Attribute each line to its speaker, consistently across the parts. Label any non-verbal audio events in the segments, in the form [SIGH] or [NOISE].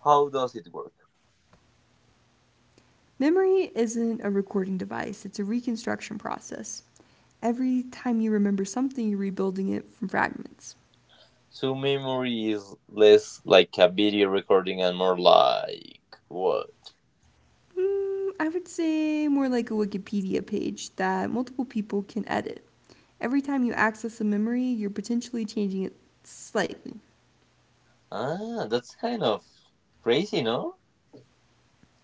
Speaker 1: How does it work?
Speaker 2: Memory isn't a recording device, it's a reconstruction process. Every time you remember something, you're rebuilding it from fragments.
Speaker 1: So, memory is less like a video recording and more like what?
Speaker 2: I would say more like a Wikipedia page that multiple people can edit. Every time you access a memory, you're potentially changing it slightly.
Speaker 1: Ah, that's kind of crazy, no?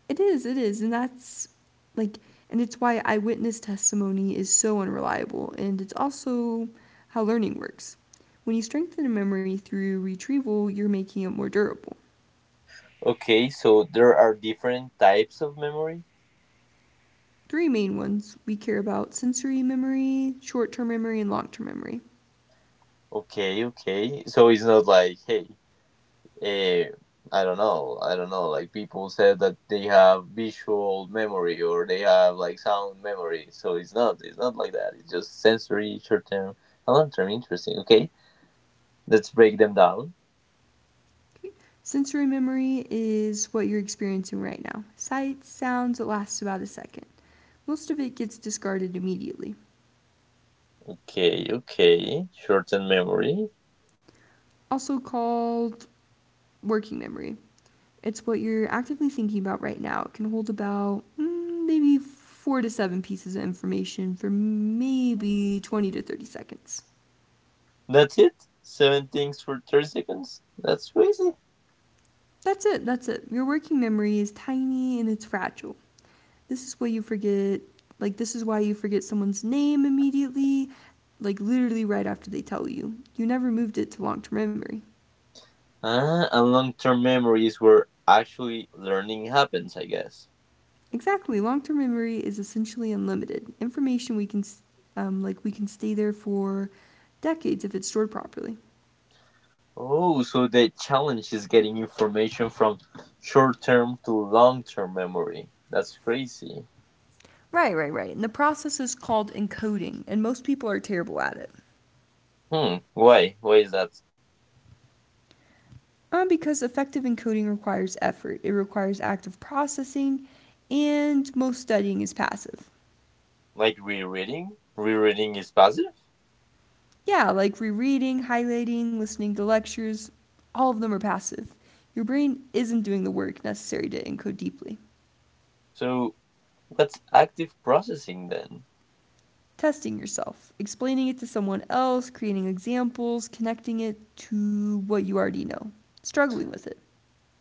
Speaker 2: It is, and that's like, and it's why eyewitness testimony is so unreliable, and it's also how learning works. When you strengthen a memory through retrieval, you're making it more durable.
Speaker 1: Okay, so there are different types of memory.
Speaker 2: Three main ones we care about: sensory memory, short term memory, and long term memory.
Speaker 1: Okay, okay. So it's not like, hey, Uh, I don't know. Like people said that they have visual memory or they have like sound memory. So it's not like that. It's just sensory, short term, and long term. Interesting. Okay, let's break them down.
Speaker 2: Okay. Sensory memory is what you're experiencing right now: sights, sounds. It lasts about a second. Most of it gets discarded immediately,
Speaker 1: Okay, okay, short term memory.
Speaker 2: also called working memory. It's what you're actively thinking about right now. It can hold about maybe four to seven pieces of information for maybe 20 to 30 seconds.
Speaker 1: That's it. Seven things for 30 seconds. That's crazy.
Speaker 2: That's it, that's it. Your working memory is tiny and it's fragile. This is why you forget like this is why you forget someone's name immediately, like literally right after they tell you. You never moved it to long-term memory.
Speaker 1: Ah, and long term memory is where actually learning happens, I guess.
Speaker 2: Exactly. Long-term memory is essentially unlimited information. We can we can stay there for decades if it's stored properly.
Speaker 1: Oh, so the challenge is getting information from short term to long term memory. That's crazy.
Speaker 2: Right, right, right, and the process is called encoding, and most people are terrible at it.
Speaker 1: Hmm, why? Why is that?
Speaker 2: Because effective encoding requires effort, it requires active processing, and most studying is passive.
Speaker 1: Like rereading? Rereading is passive?
Speaker 2: Yeah, like rereading, highlighting, listening to lectures, all of them are passive. Your brain isn't doing the work necessary to encode deeply.
Speaker 1: So what's active processing then?
Speaker 2: Testing yourself, explaining it to someone else, creating examples, connecting it to what you already know, struggling with it.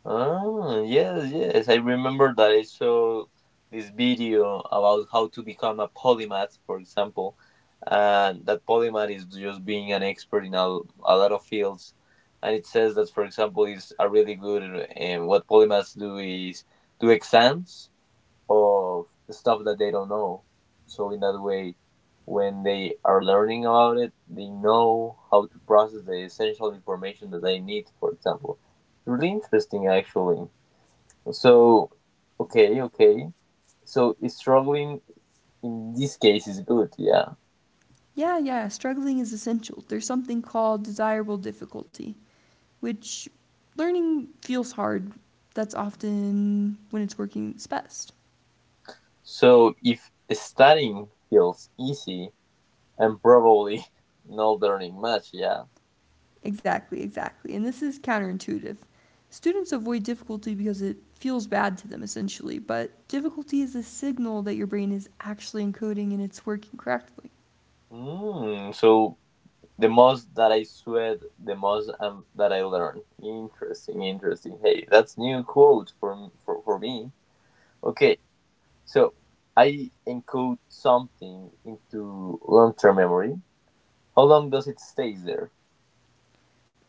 Speaker 1: Ah, yes, yes. I remember that I saw this video about how to become a polymath, for example, and that polymath is just being an expert in a lot of fields. And it says that, for example, is a really good. And what polymaths do is do exams, of stuff that they don't know. So in that way, when they are learning about it, they know how to process the essential information that they need. For example, really interesting actually. So okay, okay. So struggling in this case is good, yeah.
Speaker 2: Yeah, yeah, struggling is essential. There's something called desirable difficulty, which, learning feels hard. That's often when it's working its best.
Speaker 1: So if studying feels easy, I'm probably [LAUGHS] not learning much, yeah.
Speaker 2: Exactly, exactly. And this is counterintuitive. Students avoid difficulty because it feels bad to them, essentially, but difficulty is a signal that your brain is actually encoding and it's working correctly.
Speaker 1: Mm, so the most that I sweat, the most that I learn. Interesting, interesting. Hey, that's new quote for me. Okay, so I encode something into long-term memory. How long does it stays there?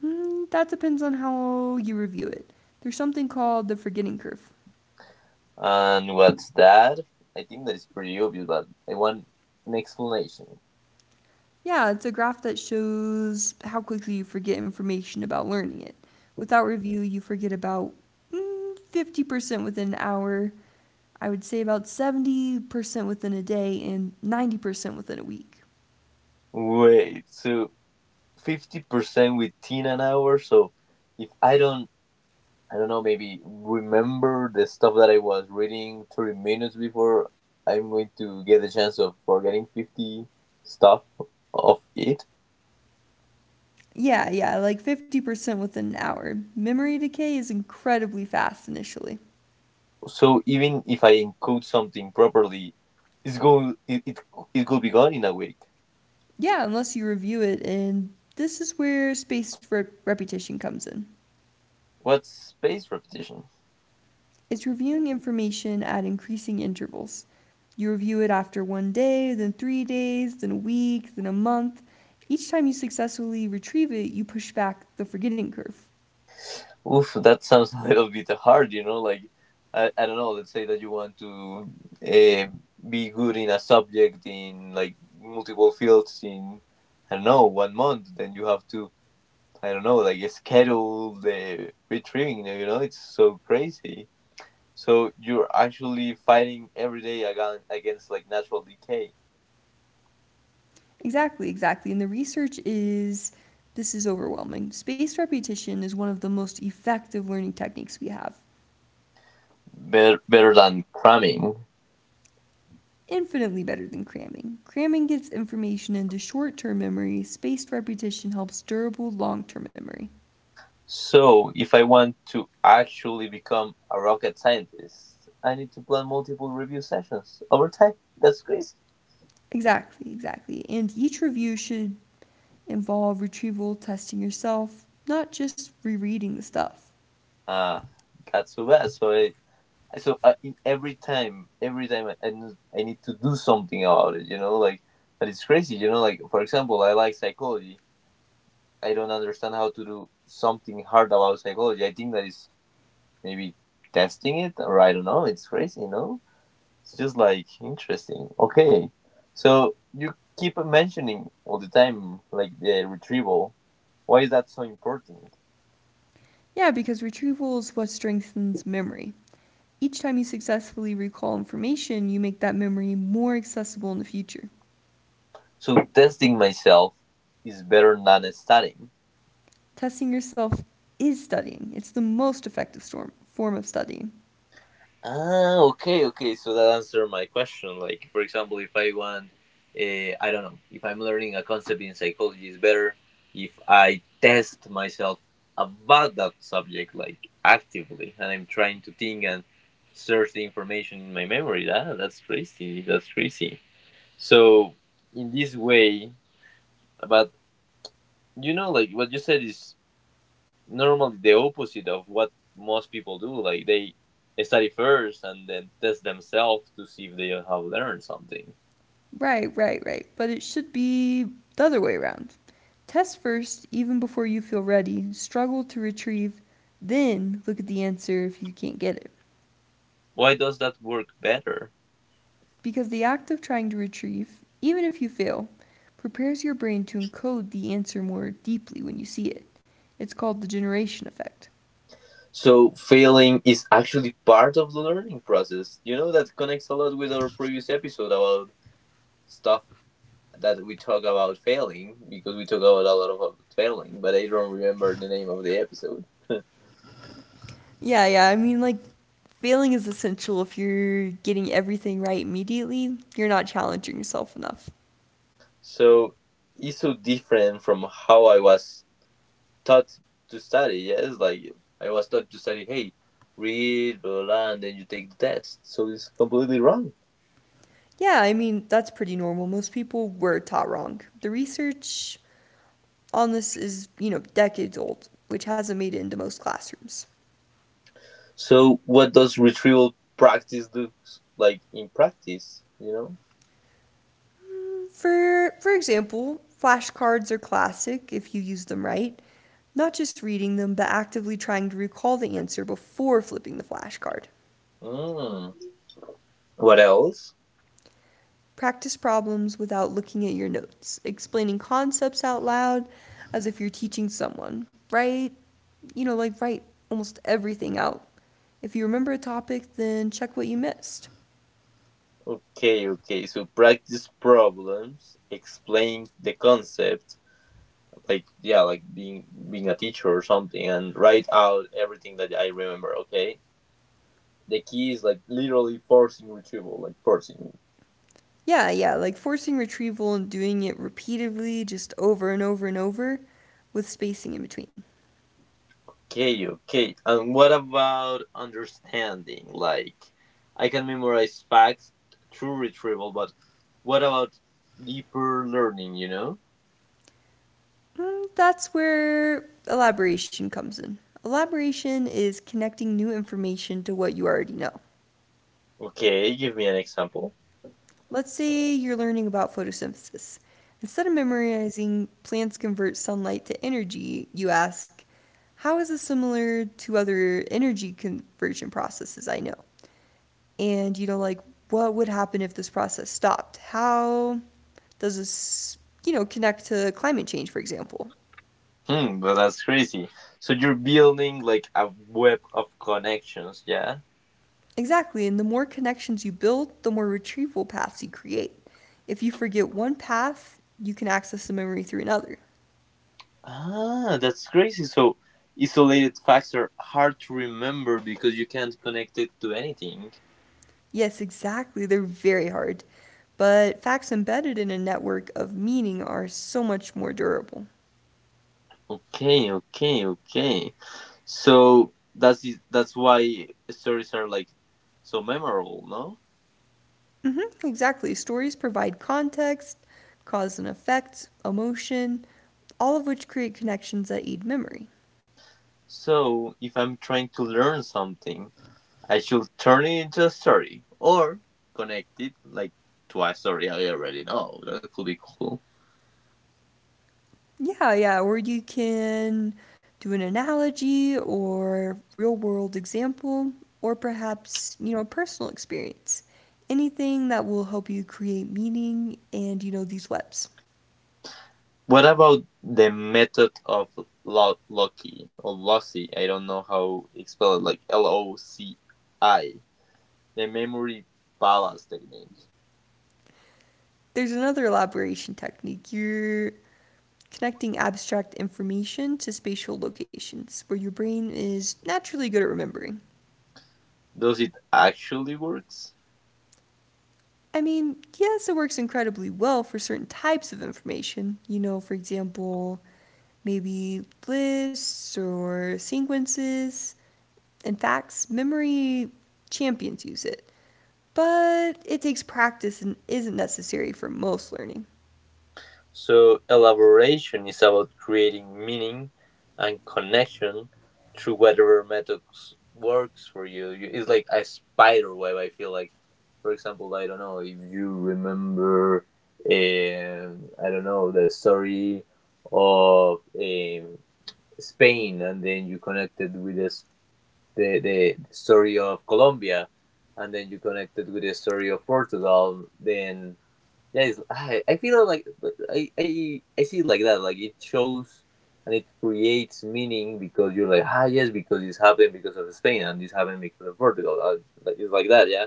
Speaker 2: Mm, that depends on how you review it. There's something called the forgetting curve.
Speaker 1: And what's that? I think that is pretty obvious, but I want an explanation.
Speaker 2: Yeah, it's a graph that shows how quickly you forget information about learning it. Without review, you forget about 50% within an hour, I would say about 70% within a day, and 90% within a week.
Speaker 1: Wait, so 50% within an hour. So if I don't maybe remember the stuff that I was reading 30 minutes before I'm going to get the chance of forgetting 50 stuff of it.
Speaker 2: Yeah, yeah, like 50% within an hour. Memory decay is incredibly fast initially.
Speaker 1: So even if I encode something properly, it's going it, it, it could be gone in a week.
Speaker 2: Yeah, unless you review it, and this is where spaced repetition comes in.
Speaker 1: What's space repetition?
Speaker 2: It's reviewing information at increasing intervals. You review it after 1 day, then 3 days, then a week, then a month. Each time you successfully retrieve it, you push back the forgetting curve.
Speaker 1: Oof, that [LAUGHS] sounds a little bit hard, you know, like I don't know, let's say that you want to uh, be good in a subject in like multiple fields in I don't know, 1 month, then you have to I don't know, like schedule the retrieving, you know, it's so crazy. So you're actually fighting every day against like natural decay,
Speaker 2: Exactly, exactly. And the research is, this is overwhelming. Spaced repetition is one of the most effective learning techniques we have.
Speaker 1: better, better than cramming.
Speaker 2: Infinitely better than cramming. Cramming gets information into short term memory, spaced repetition helps durable long term memory.
Speaker 1: So if I want to actually become a rocket scientist, I need to plan multiple review sessions over time. That's crazy.
Speaker 2: Exactly, exactly. And each review should involve retrieval, testing yourself, not just rereading the stuff.
Speaker 1: Ah, uh, that's so bad. So I, in every time I need to do something about it, you know, like, but it's crazy, you know, like, for example, I like psychology. I don't understand how to do something hard about psychology. I think that is maybe testing it, or I don't know. It's crazy, you know. It's just like interesting. Okay, so you keep mentioning all the time like the retrieval. Why is that so important?
Speaker 2: Yeah, because retrieval is what strengthens memory. Each time you successfully recall information, you make that memory more accessible in the future.
Speaker 1: So testing myself is better than studying?
Speaker 2: Testing yourself is studying, it's the most effective form of studying.
Speaker 1: Ah, okay, okay. So that answered my question. Like, for example, if I want, I don't know, if I'm learning a concept in psychology, is better if I test myself about that subject, like actively, and I'm trying to think and search the information in my memory. Ah, that's crazy. That's crazy. So in this way, but you know, like what you said is normally the opposite of what most people do. Like they study first and then test themselves to see if they have learned something.
Speaker 2: Right, right, right. But it should be the other way around. Test first, even before you feel ready, struggle to retrieve, then look at the answer if you can't get it.
Speaker 1: Why does that work better?
Speaker 2: Because the act of trying to retrieve, even if you fail, prepares your brain to encode the answer more deeply when you see it. It's called the generation effect.
Speaker 1: So failing is actually part of the learning process. You know that connects a lot with our previous episode about stuff that we talk about failing, because we talk about a lot of failing, but I don't remember the name of the episode.
Speaker 2: Yeah, yeah. Failing is essential. If you're getting everything right immediately, you're not challenging yourself enough.
Speaker 1: [LAUGHS] So it's so different from how I was taught to study. Yes, like I was taught to study. Hey, read, blah, blah, blah, and then you take the test. So it's completely wrong.
Speaker 2: Yeah, I mean, that's pretty normal. Most people were taught wrong. The research on this is, you know, decades old, which hasn't made it into most classrooms.
Speaker 1: So what does retrieval practice do? Like in practice, you know.
Speaker 2: For example, flashcards are classic if you use them right. Not just reading them, but actively trying to recall the answer before flipping the flashcard.
Speaker 1: Mm. What else?
Speaker 2: Practice problems without looking at your notes, explaining concepts out loud as if you're teaching someone. Write, you know, like write almost everything out. If you remember a topic, then check what you missed.
Speaker 1: Okay, okay. So practice problems, explain the concept, like yeah, like being a teacher or something, and write out everything that I remember. Okay. The key is like literally forcing retrieval, like forcing.
Speaker 2: Yeah, yeah, like forcing retrieval and doing it repeatedly, just over and over and over, with spacing in between.
Speaker 1: Okay, okay. And what about understanding? Like, I can memorize facts through retrieval, but what about deeper learning, you know?
Speaker 2: Mm, that's where elaboration comes in. Elaboration is connecting new information to what you already know.
Speaker 1: Okay, give me an example.
Speaker 2: Let's say you're learning about photosynthesis. Instead of memorizing plants convert sunlight to energy, you ask, how is this similar to other energy conversion processes I know? And what would happen if this process stopped? How does this, you know, connect to climate change, for example?
Speaker 1: Hmm, well, that's crazy. So you're building like a web of connections, yeah?
Speaker 2: Exactly. And the more connections you build, the more retrieval paths you create. If you forget one path, you can access the memory through another.
Speaker 1: Ah, that's crazy. So isolated facts are hard to remember because you can't connect it to anything.
Speaker 2: Yes, exactly. They're very hard. But facts embedded in a network of meaning are so much more durable.
Speaker 1: Okay, okay, okay. So that's why stories are like so memorable, no?
Speaker 2: Hmm, exactly. Stories provide context, cause and effect, emotion, all of which create connections that aid memory.
Speaker 1: So if I'm trying to learn something, I should turn it into a story or connect it like to a story I already know. That could be cool.
Speaker 2: Yeah, yeah. Or you can do an analogy or real world example, or perhaps, you know, a personal experience. Anything that will help you create meaning and, you know, these webs.
Speaker 1: What about the method of Loki or Lossy? I don't know how it's spelled, like LOCI, the memory palace technique.
Speaker 2: There's another elaboration technique. You're connecting abstract information to spatial locations where your brain is naturally good at remembering.
Speaker 1: Does it actually works?
Speaker 2: I mean, yes, it works incredibly well for certain types of information. You know, for example, maybe lists or sequences. In fact, memory champions use it. But it takes practice and isn't necessary for most learning.
Speaker 1: So elaboration is about creating meaning and connection through whatever methods works for you. You- It's like a spider web. I feel like, for example, I don't know if you remember, I don't know the story of Spain, and then you connected with this, the story of Colombia, and then you connected with the story of Portugal. Then yeah, I feel like I see it like that. Like it shows and it creates meaning because you're like, ah, yes, because this happened because of Spain and this happened because of Portugal. Like it's like that, yeah.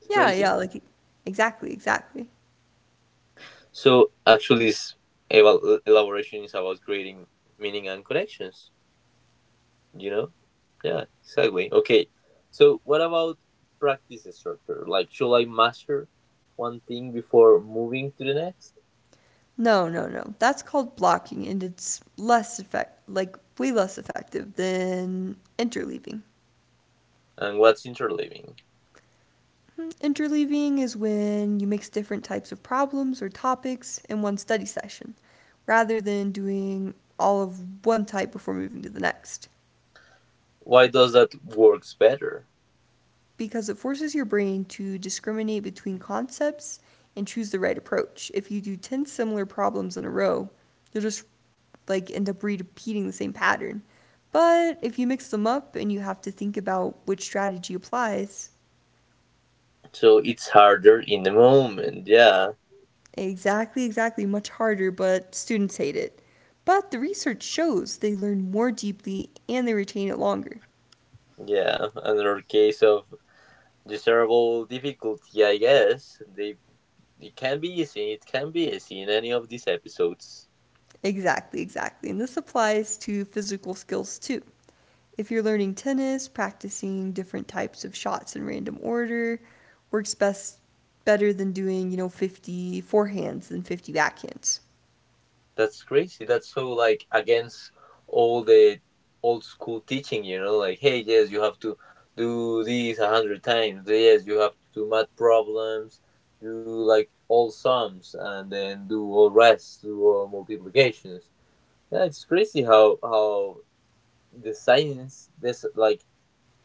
Speaker 1: It's
Speaker 2: Yeah,
Speaker 1: crazy.
Speaker 2: yeah, like exactly, exactly.
Speaker 1: So actually, this elaboration is about creating meaning and connections. You know? Yeah, exactly. Okay. So what about practice structure? Like, should I master one thing before moving to the next?
Speaker 2: No, no, no. That's called blocking, and it's like way less effective than interleaving.
Speaker 1: And what's interleaving?
Speaker 2: Hmm, interleaving is when you mix different types of problems or topics in one study session, rather than doing all of one type before moving to the next.
Speaker 1: Why does that works better?
Speaker 2: Because it forces your brain to discriminate between concepts and choose the right approach. If you do 10 similar problems in a row, you'll just end up repeating the same pattern. But if you mix them up and you have to think about which strategy applies,
Speaker 1: So it's harder in the moment. Yeah,
Speaker 2: exactly, exactly, much harder, but students hate it. But the research shows they learn more deeply and they retain it longer.
Speaker 1: yeah. Another case of desirable difficulty, I guess. They it can be easy. It can be easy in any of these episodes.
Speaker 2: Exactly, exactly. And this applies to physical skills too. If you're learning tennis, practicing different types of shots in random order works best, better than doing, you know, 50 forehands than 50 backhands.
Speaker 1: That's crazy. That's so like against all the old school teaching. You know, like hey, yes, you have to do these a hundred times. Yes, you have to do math problems. Do like all sums and then do all rest, do all multiplications. Yeah, it's crazy how the science this like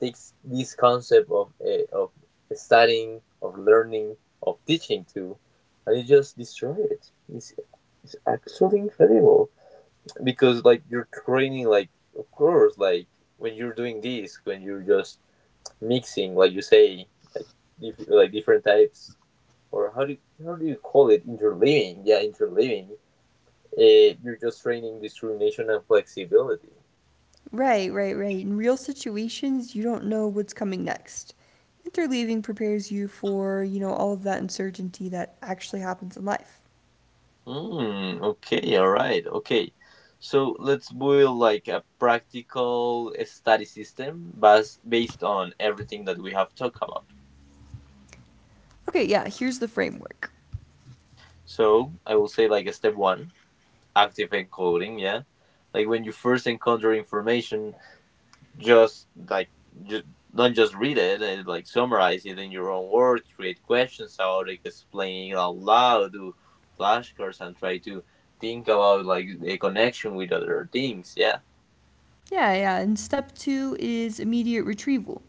Speaker 1: takes this concept of studying, of learning, of teaching too, and it just destroy it. It's actually incredible because like you're training like of course like when you're doing this, when you're just mixing, like you say, like like different types, or how do you call it, interleaving, yeah, interleaving, you're just training discrimination and flexibility.
Speaker 2: Right, right, right. In real situations, you don't know what's coming next. Interleaving prepares you for, you know, all of that uncertainty that actually happens in life.
Speaker 1: Mm, okay, all right, okay. So let's build like a practical study system based on everything that we have talked about.
Speaker 2: Okay, yeah, here's the framework.
Speaker 1: So I will say like a step one, active encoding, yeah. Like when you first encounter information, just like just not just read it and like summarize it in your own words, create questions about it, explain it out loud, do flashcards and try to think about like a connection with other things, yeah.
Speaker 2: Yeah, yeah. And step two is immediate retrieval.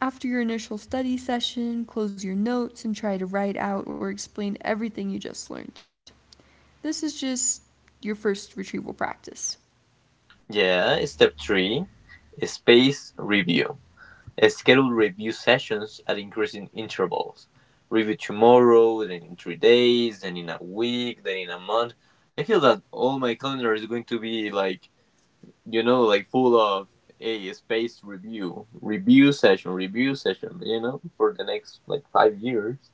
Speaker 2: After your initial study session, close your notes and try to write out or explain everything you just learned. This is just your first retrieval practice.
Speaker 1: Yeah, step three, space review. Schedule review sessions at increasing intervals. Review tomorrow, then in 3 days, then in a week, then in a month. I feel that all my calendar is going to be like, you know, like full of a space review, review session, you know, for the next like 5 years.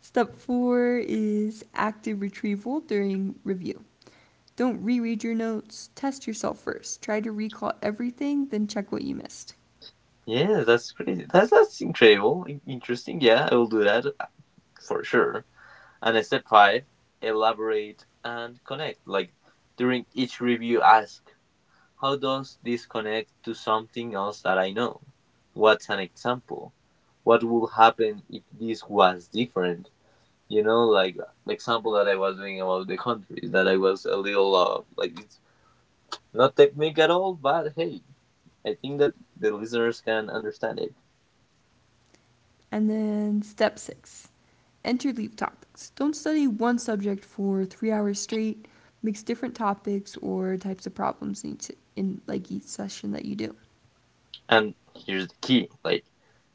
Speaker 2: Step four is active retrieval during review. Don't reread your notes, test yourself first. Try to recall everything, then check what you missed.
Speaker 1: Yeah, that's crazy. That's incredible, interesting. Yeah, I will do that for sure. And step five, elaborate and connect. Like during each review, ask, how does this connect to something else that I know? What's an example? What would happen if this was different? You know, like the example that I was doing about the countries that I was a little of. Like it's not technique at all, but hey, I think that the listeners can understand it.
Speaker 2: And then step six, interleave topics. Don't study one subject for 3 hours straight. Mix different topics or types of problems in like each session that you do.
Speaker 1: And here's the key like,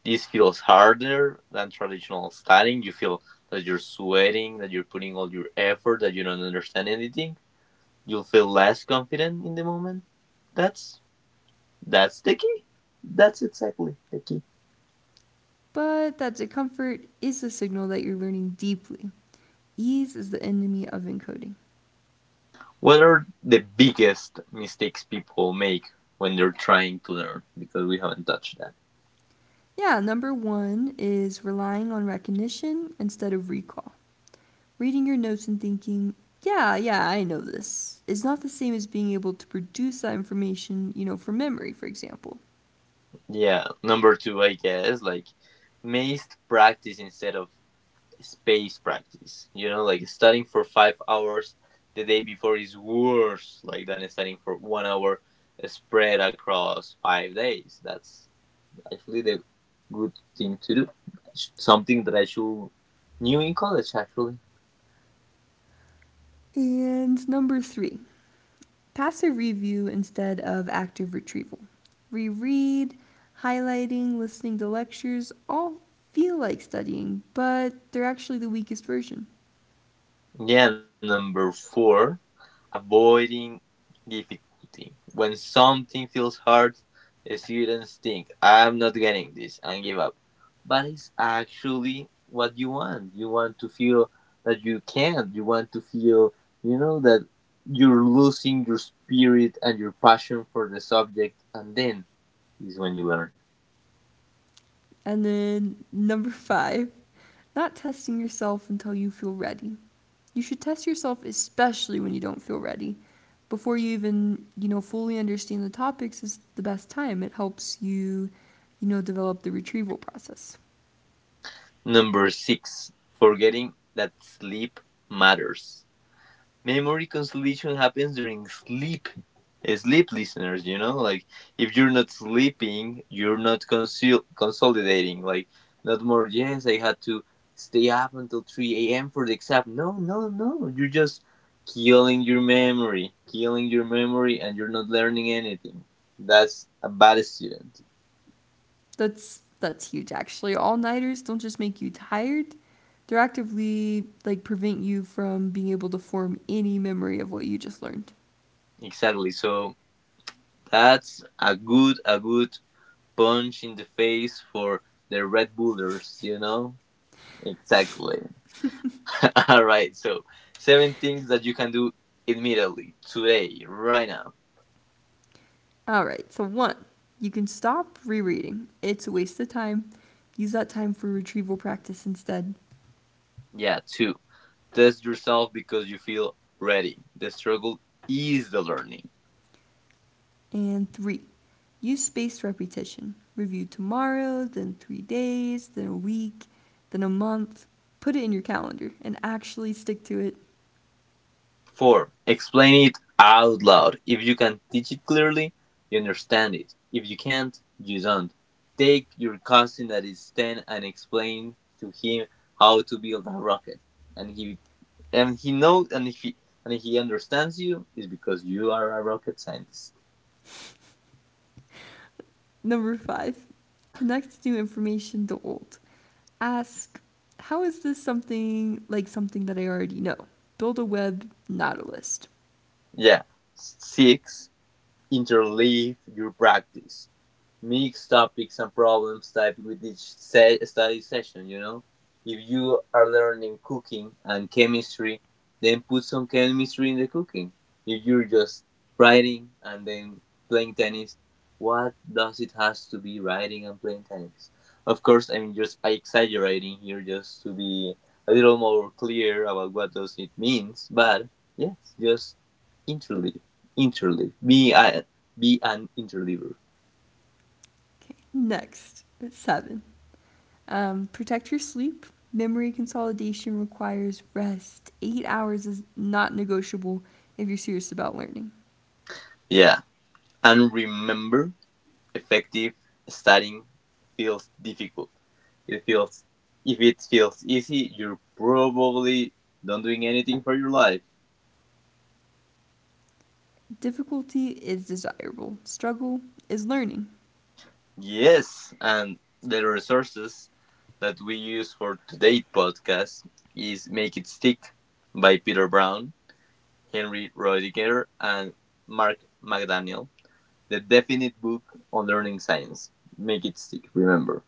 Speaker 1: this feels harder than traditional studying. You feel that you're sweating, that you're putting all your effort, that you don't understand anything. You'll feel less confident in the moment. That's that's the key. That's exactly the key.
Speaker 2: But that discomfort is a signal that you're learning deeply. Ease is the enemy of encoding.
Speaker 1: What are the biggest mistakes people make when they're trying to learn? Because we haven't touched that.
Speaker 2: Yeah, number one is relying on recognition instead of recall. Reading your notes and thinking, yeah, yeah, I know this, is not the same as being able to produce that information, you know, from memory, for example.
Speaker 1: Yeah, number two, I guess, like missed practice instead of space practice. You know, like studying for 5 hours the day before is worse like than studying for 1 hour spread across 5 days. That's actually the good thing to do. Something that I should knew in college actually.
Speaker 2: And number three, passive review instead of active retrieval. Reread, highlighting, listening to lectures all feel like studying, but they're actually the weakest version.
Speaker 1: Yeah, number four, avoiding difficulty. When something feels hard, students think, I'm not getting this, and give up. But it's actually what you want. You want to feel that you can't. You want to feel, you know, that you're losing your spirit and your passion for the subject, and then is when you learn.
Speaker 2: And then [LAUGHS] number five, not testing yourself until you feel ready. You should test yourself especially when you don't feel ready. Before you even, you know, fully understand the topics is the best time. It helps you, you know, develop the retrieval process.
Speaker 1: Number six, forgetting that sleep matters. Memory consolidation happens during sleep. Eh, sleep listeners, you know, like if you're not sleeping you're not consolidating, like not more, yes I had to stay up until 3 a.m. for the exam. No, no, no, you're just killing your memory, killing your memory, and you're not learning anything. That's a bad student.
Speaker 2: That's huge actually. All nighters don't just make you tired. They're actively prevent you from being able to form any memory of what you just learned.
Speaker 1: Exactly, so that's a good, a good punch in the face for the red bullers, you know, exactly. [LAUGHS] All right, so seven things that you can do immediately, today, right now.
Speaker 2: All right. So one, you can stop rereading. It's a waste of time. Use that time for retrieval practice instead.
Speaker 1: Yeah, two. Test yourself because you feel ready. The struggle is the learning.
Speaker 2: And three, use spaced repetition. Review tomorrow, then 3 days, then a week, then a month. Put it in your calendar and actually stick to it.
Speaker 1: Four. Explain it out loud. If you can teach it clearly, you understand it. If you can't, you don't. Take your cousin that is 10 and explain to him how to build a rocket. And he and he knows and if he understands you is because you are a rocket scientist.
Speaker 2: Number five, connect new information to old. Ask, how is this something like something that I already know? Build a web, not a list.
Speaker 1: Yeah. Six, interleave your practice, mix topics and problems type with each study session, you know, if you are learning cooking and chemistry then put some chemistry in the cooking. If you're just writing and then playing tennis, what does it has to be writing and playing tennis? Of course, I'm just exaggerating here just to be a little more clear about what does it means, but yes, just interleave, interleave, be an interleaver.
Speaker 2: Okay, next, seven. Protect your sleep. Memory consolidation requires rest. 8 hours is not negotiable if you're serious about learning.
Speaker 1: Yeah. And remember, effective studying feels difficult. It feels If it feels easy, you're probably not doing anything for your life.
Speaker 2: Difficulty is desirable, struggle is learning.
Speaker 1: Yes, and the resources that we use for today's podcast is Make It Stick by Peter Brown, Henry Roediger, and Mark McDaniel. The definite book on learning science. Make it stick, remember.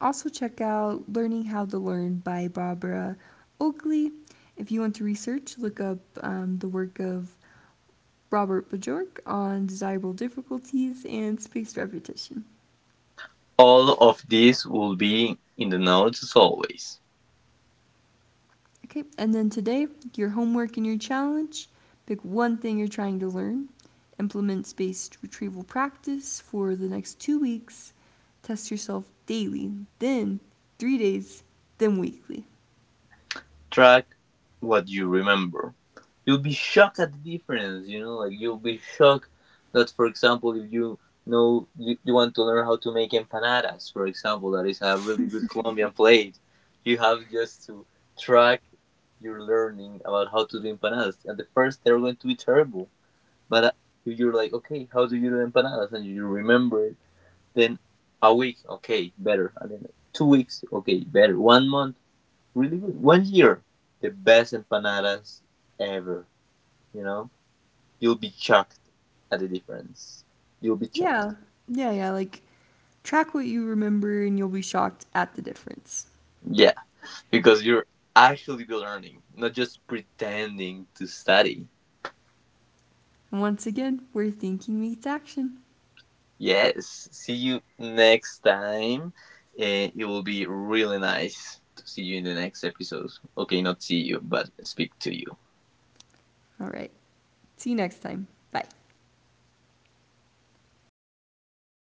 Speaker 2: Also, check out Learning How to Learn by Barbara Oakley. If you want to research, look up the work of Robert Bjork on desirable difficulties and spaced repetition.
Speaker 1: All of this will be in the notes as always.
Speaker 2: Okay, and then today, your homework and your challenge: pick one thing you're trying to learn, implement spaced retrieval practice for the next 2 weeks, test yourself daily, then 3 days, then weekly.
Speaker 1: Track what you remember. You'll be shocked at the difference, you know, like you'll be shocked that for example if you know you, you want to learn how to make empanadas, for example, that is a really good Colombian plate. You have just to track your learning about how to do empanadas. At the first they're going to be terrible. But if you're like, okay, how do you do empanadas? And you remember it, then a week, okay, better. And then 2 weeks, okay, better. 1 month, really good. 1 year, the best empanadas ever. You know, you'll be shocked at the difference. You'll be shocked.
Speaker 2: Yeah, yeah, yeah, like Track what you remember and you'll be shocked at the difference.
Speaker 1: Yeah, because you're actually be learning, not just pretending to study.
Speaker 2: And once again, where thinking meets action.
Speaker 1: Yes, see you next time. Eh, it will be really nice to see you in the next episode. Okay, not see you, but speak to you.
Speaker 2: All right, see you next time. Bye.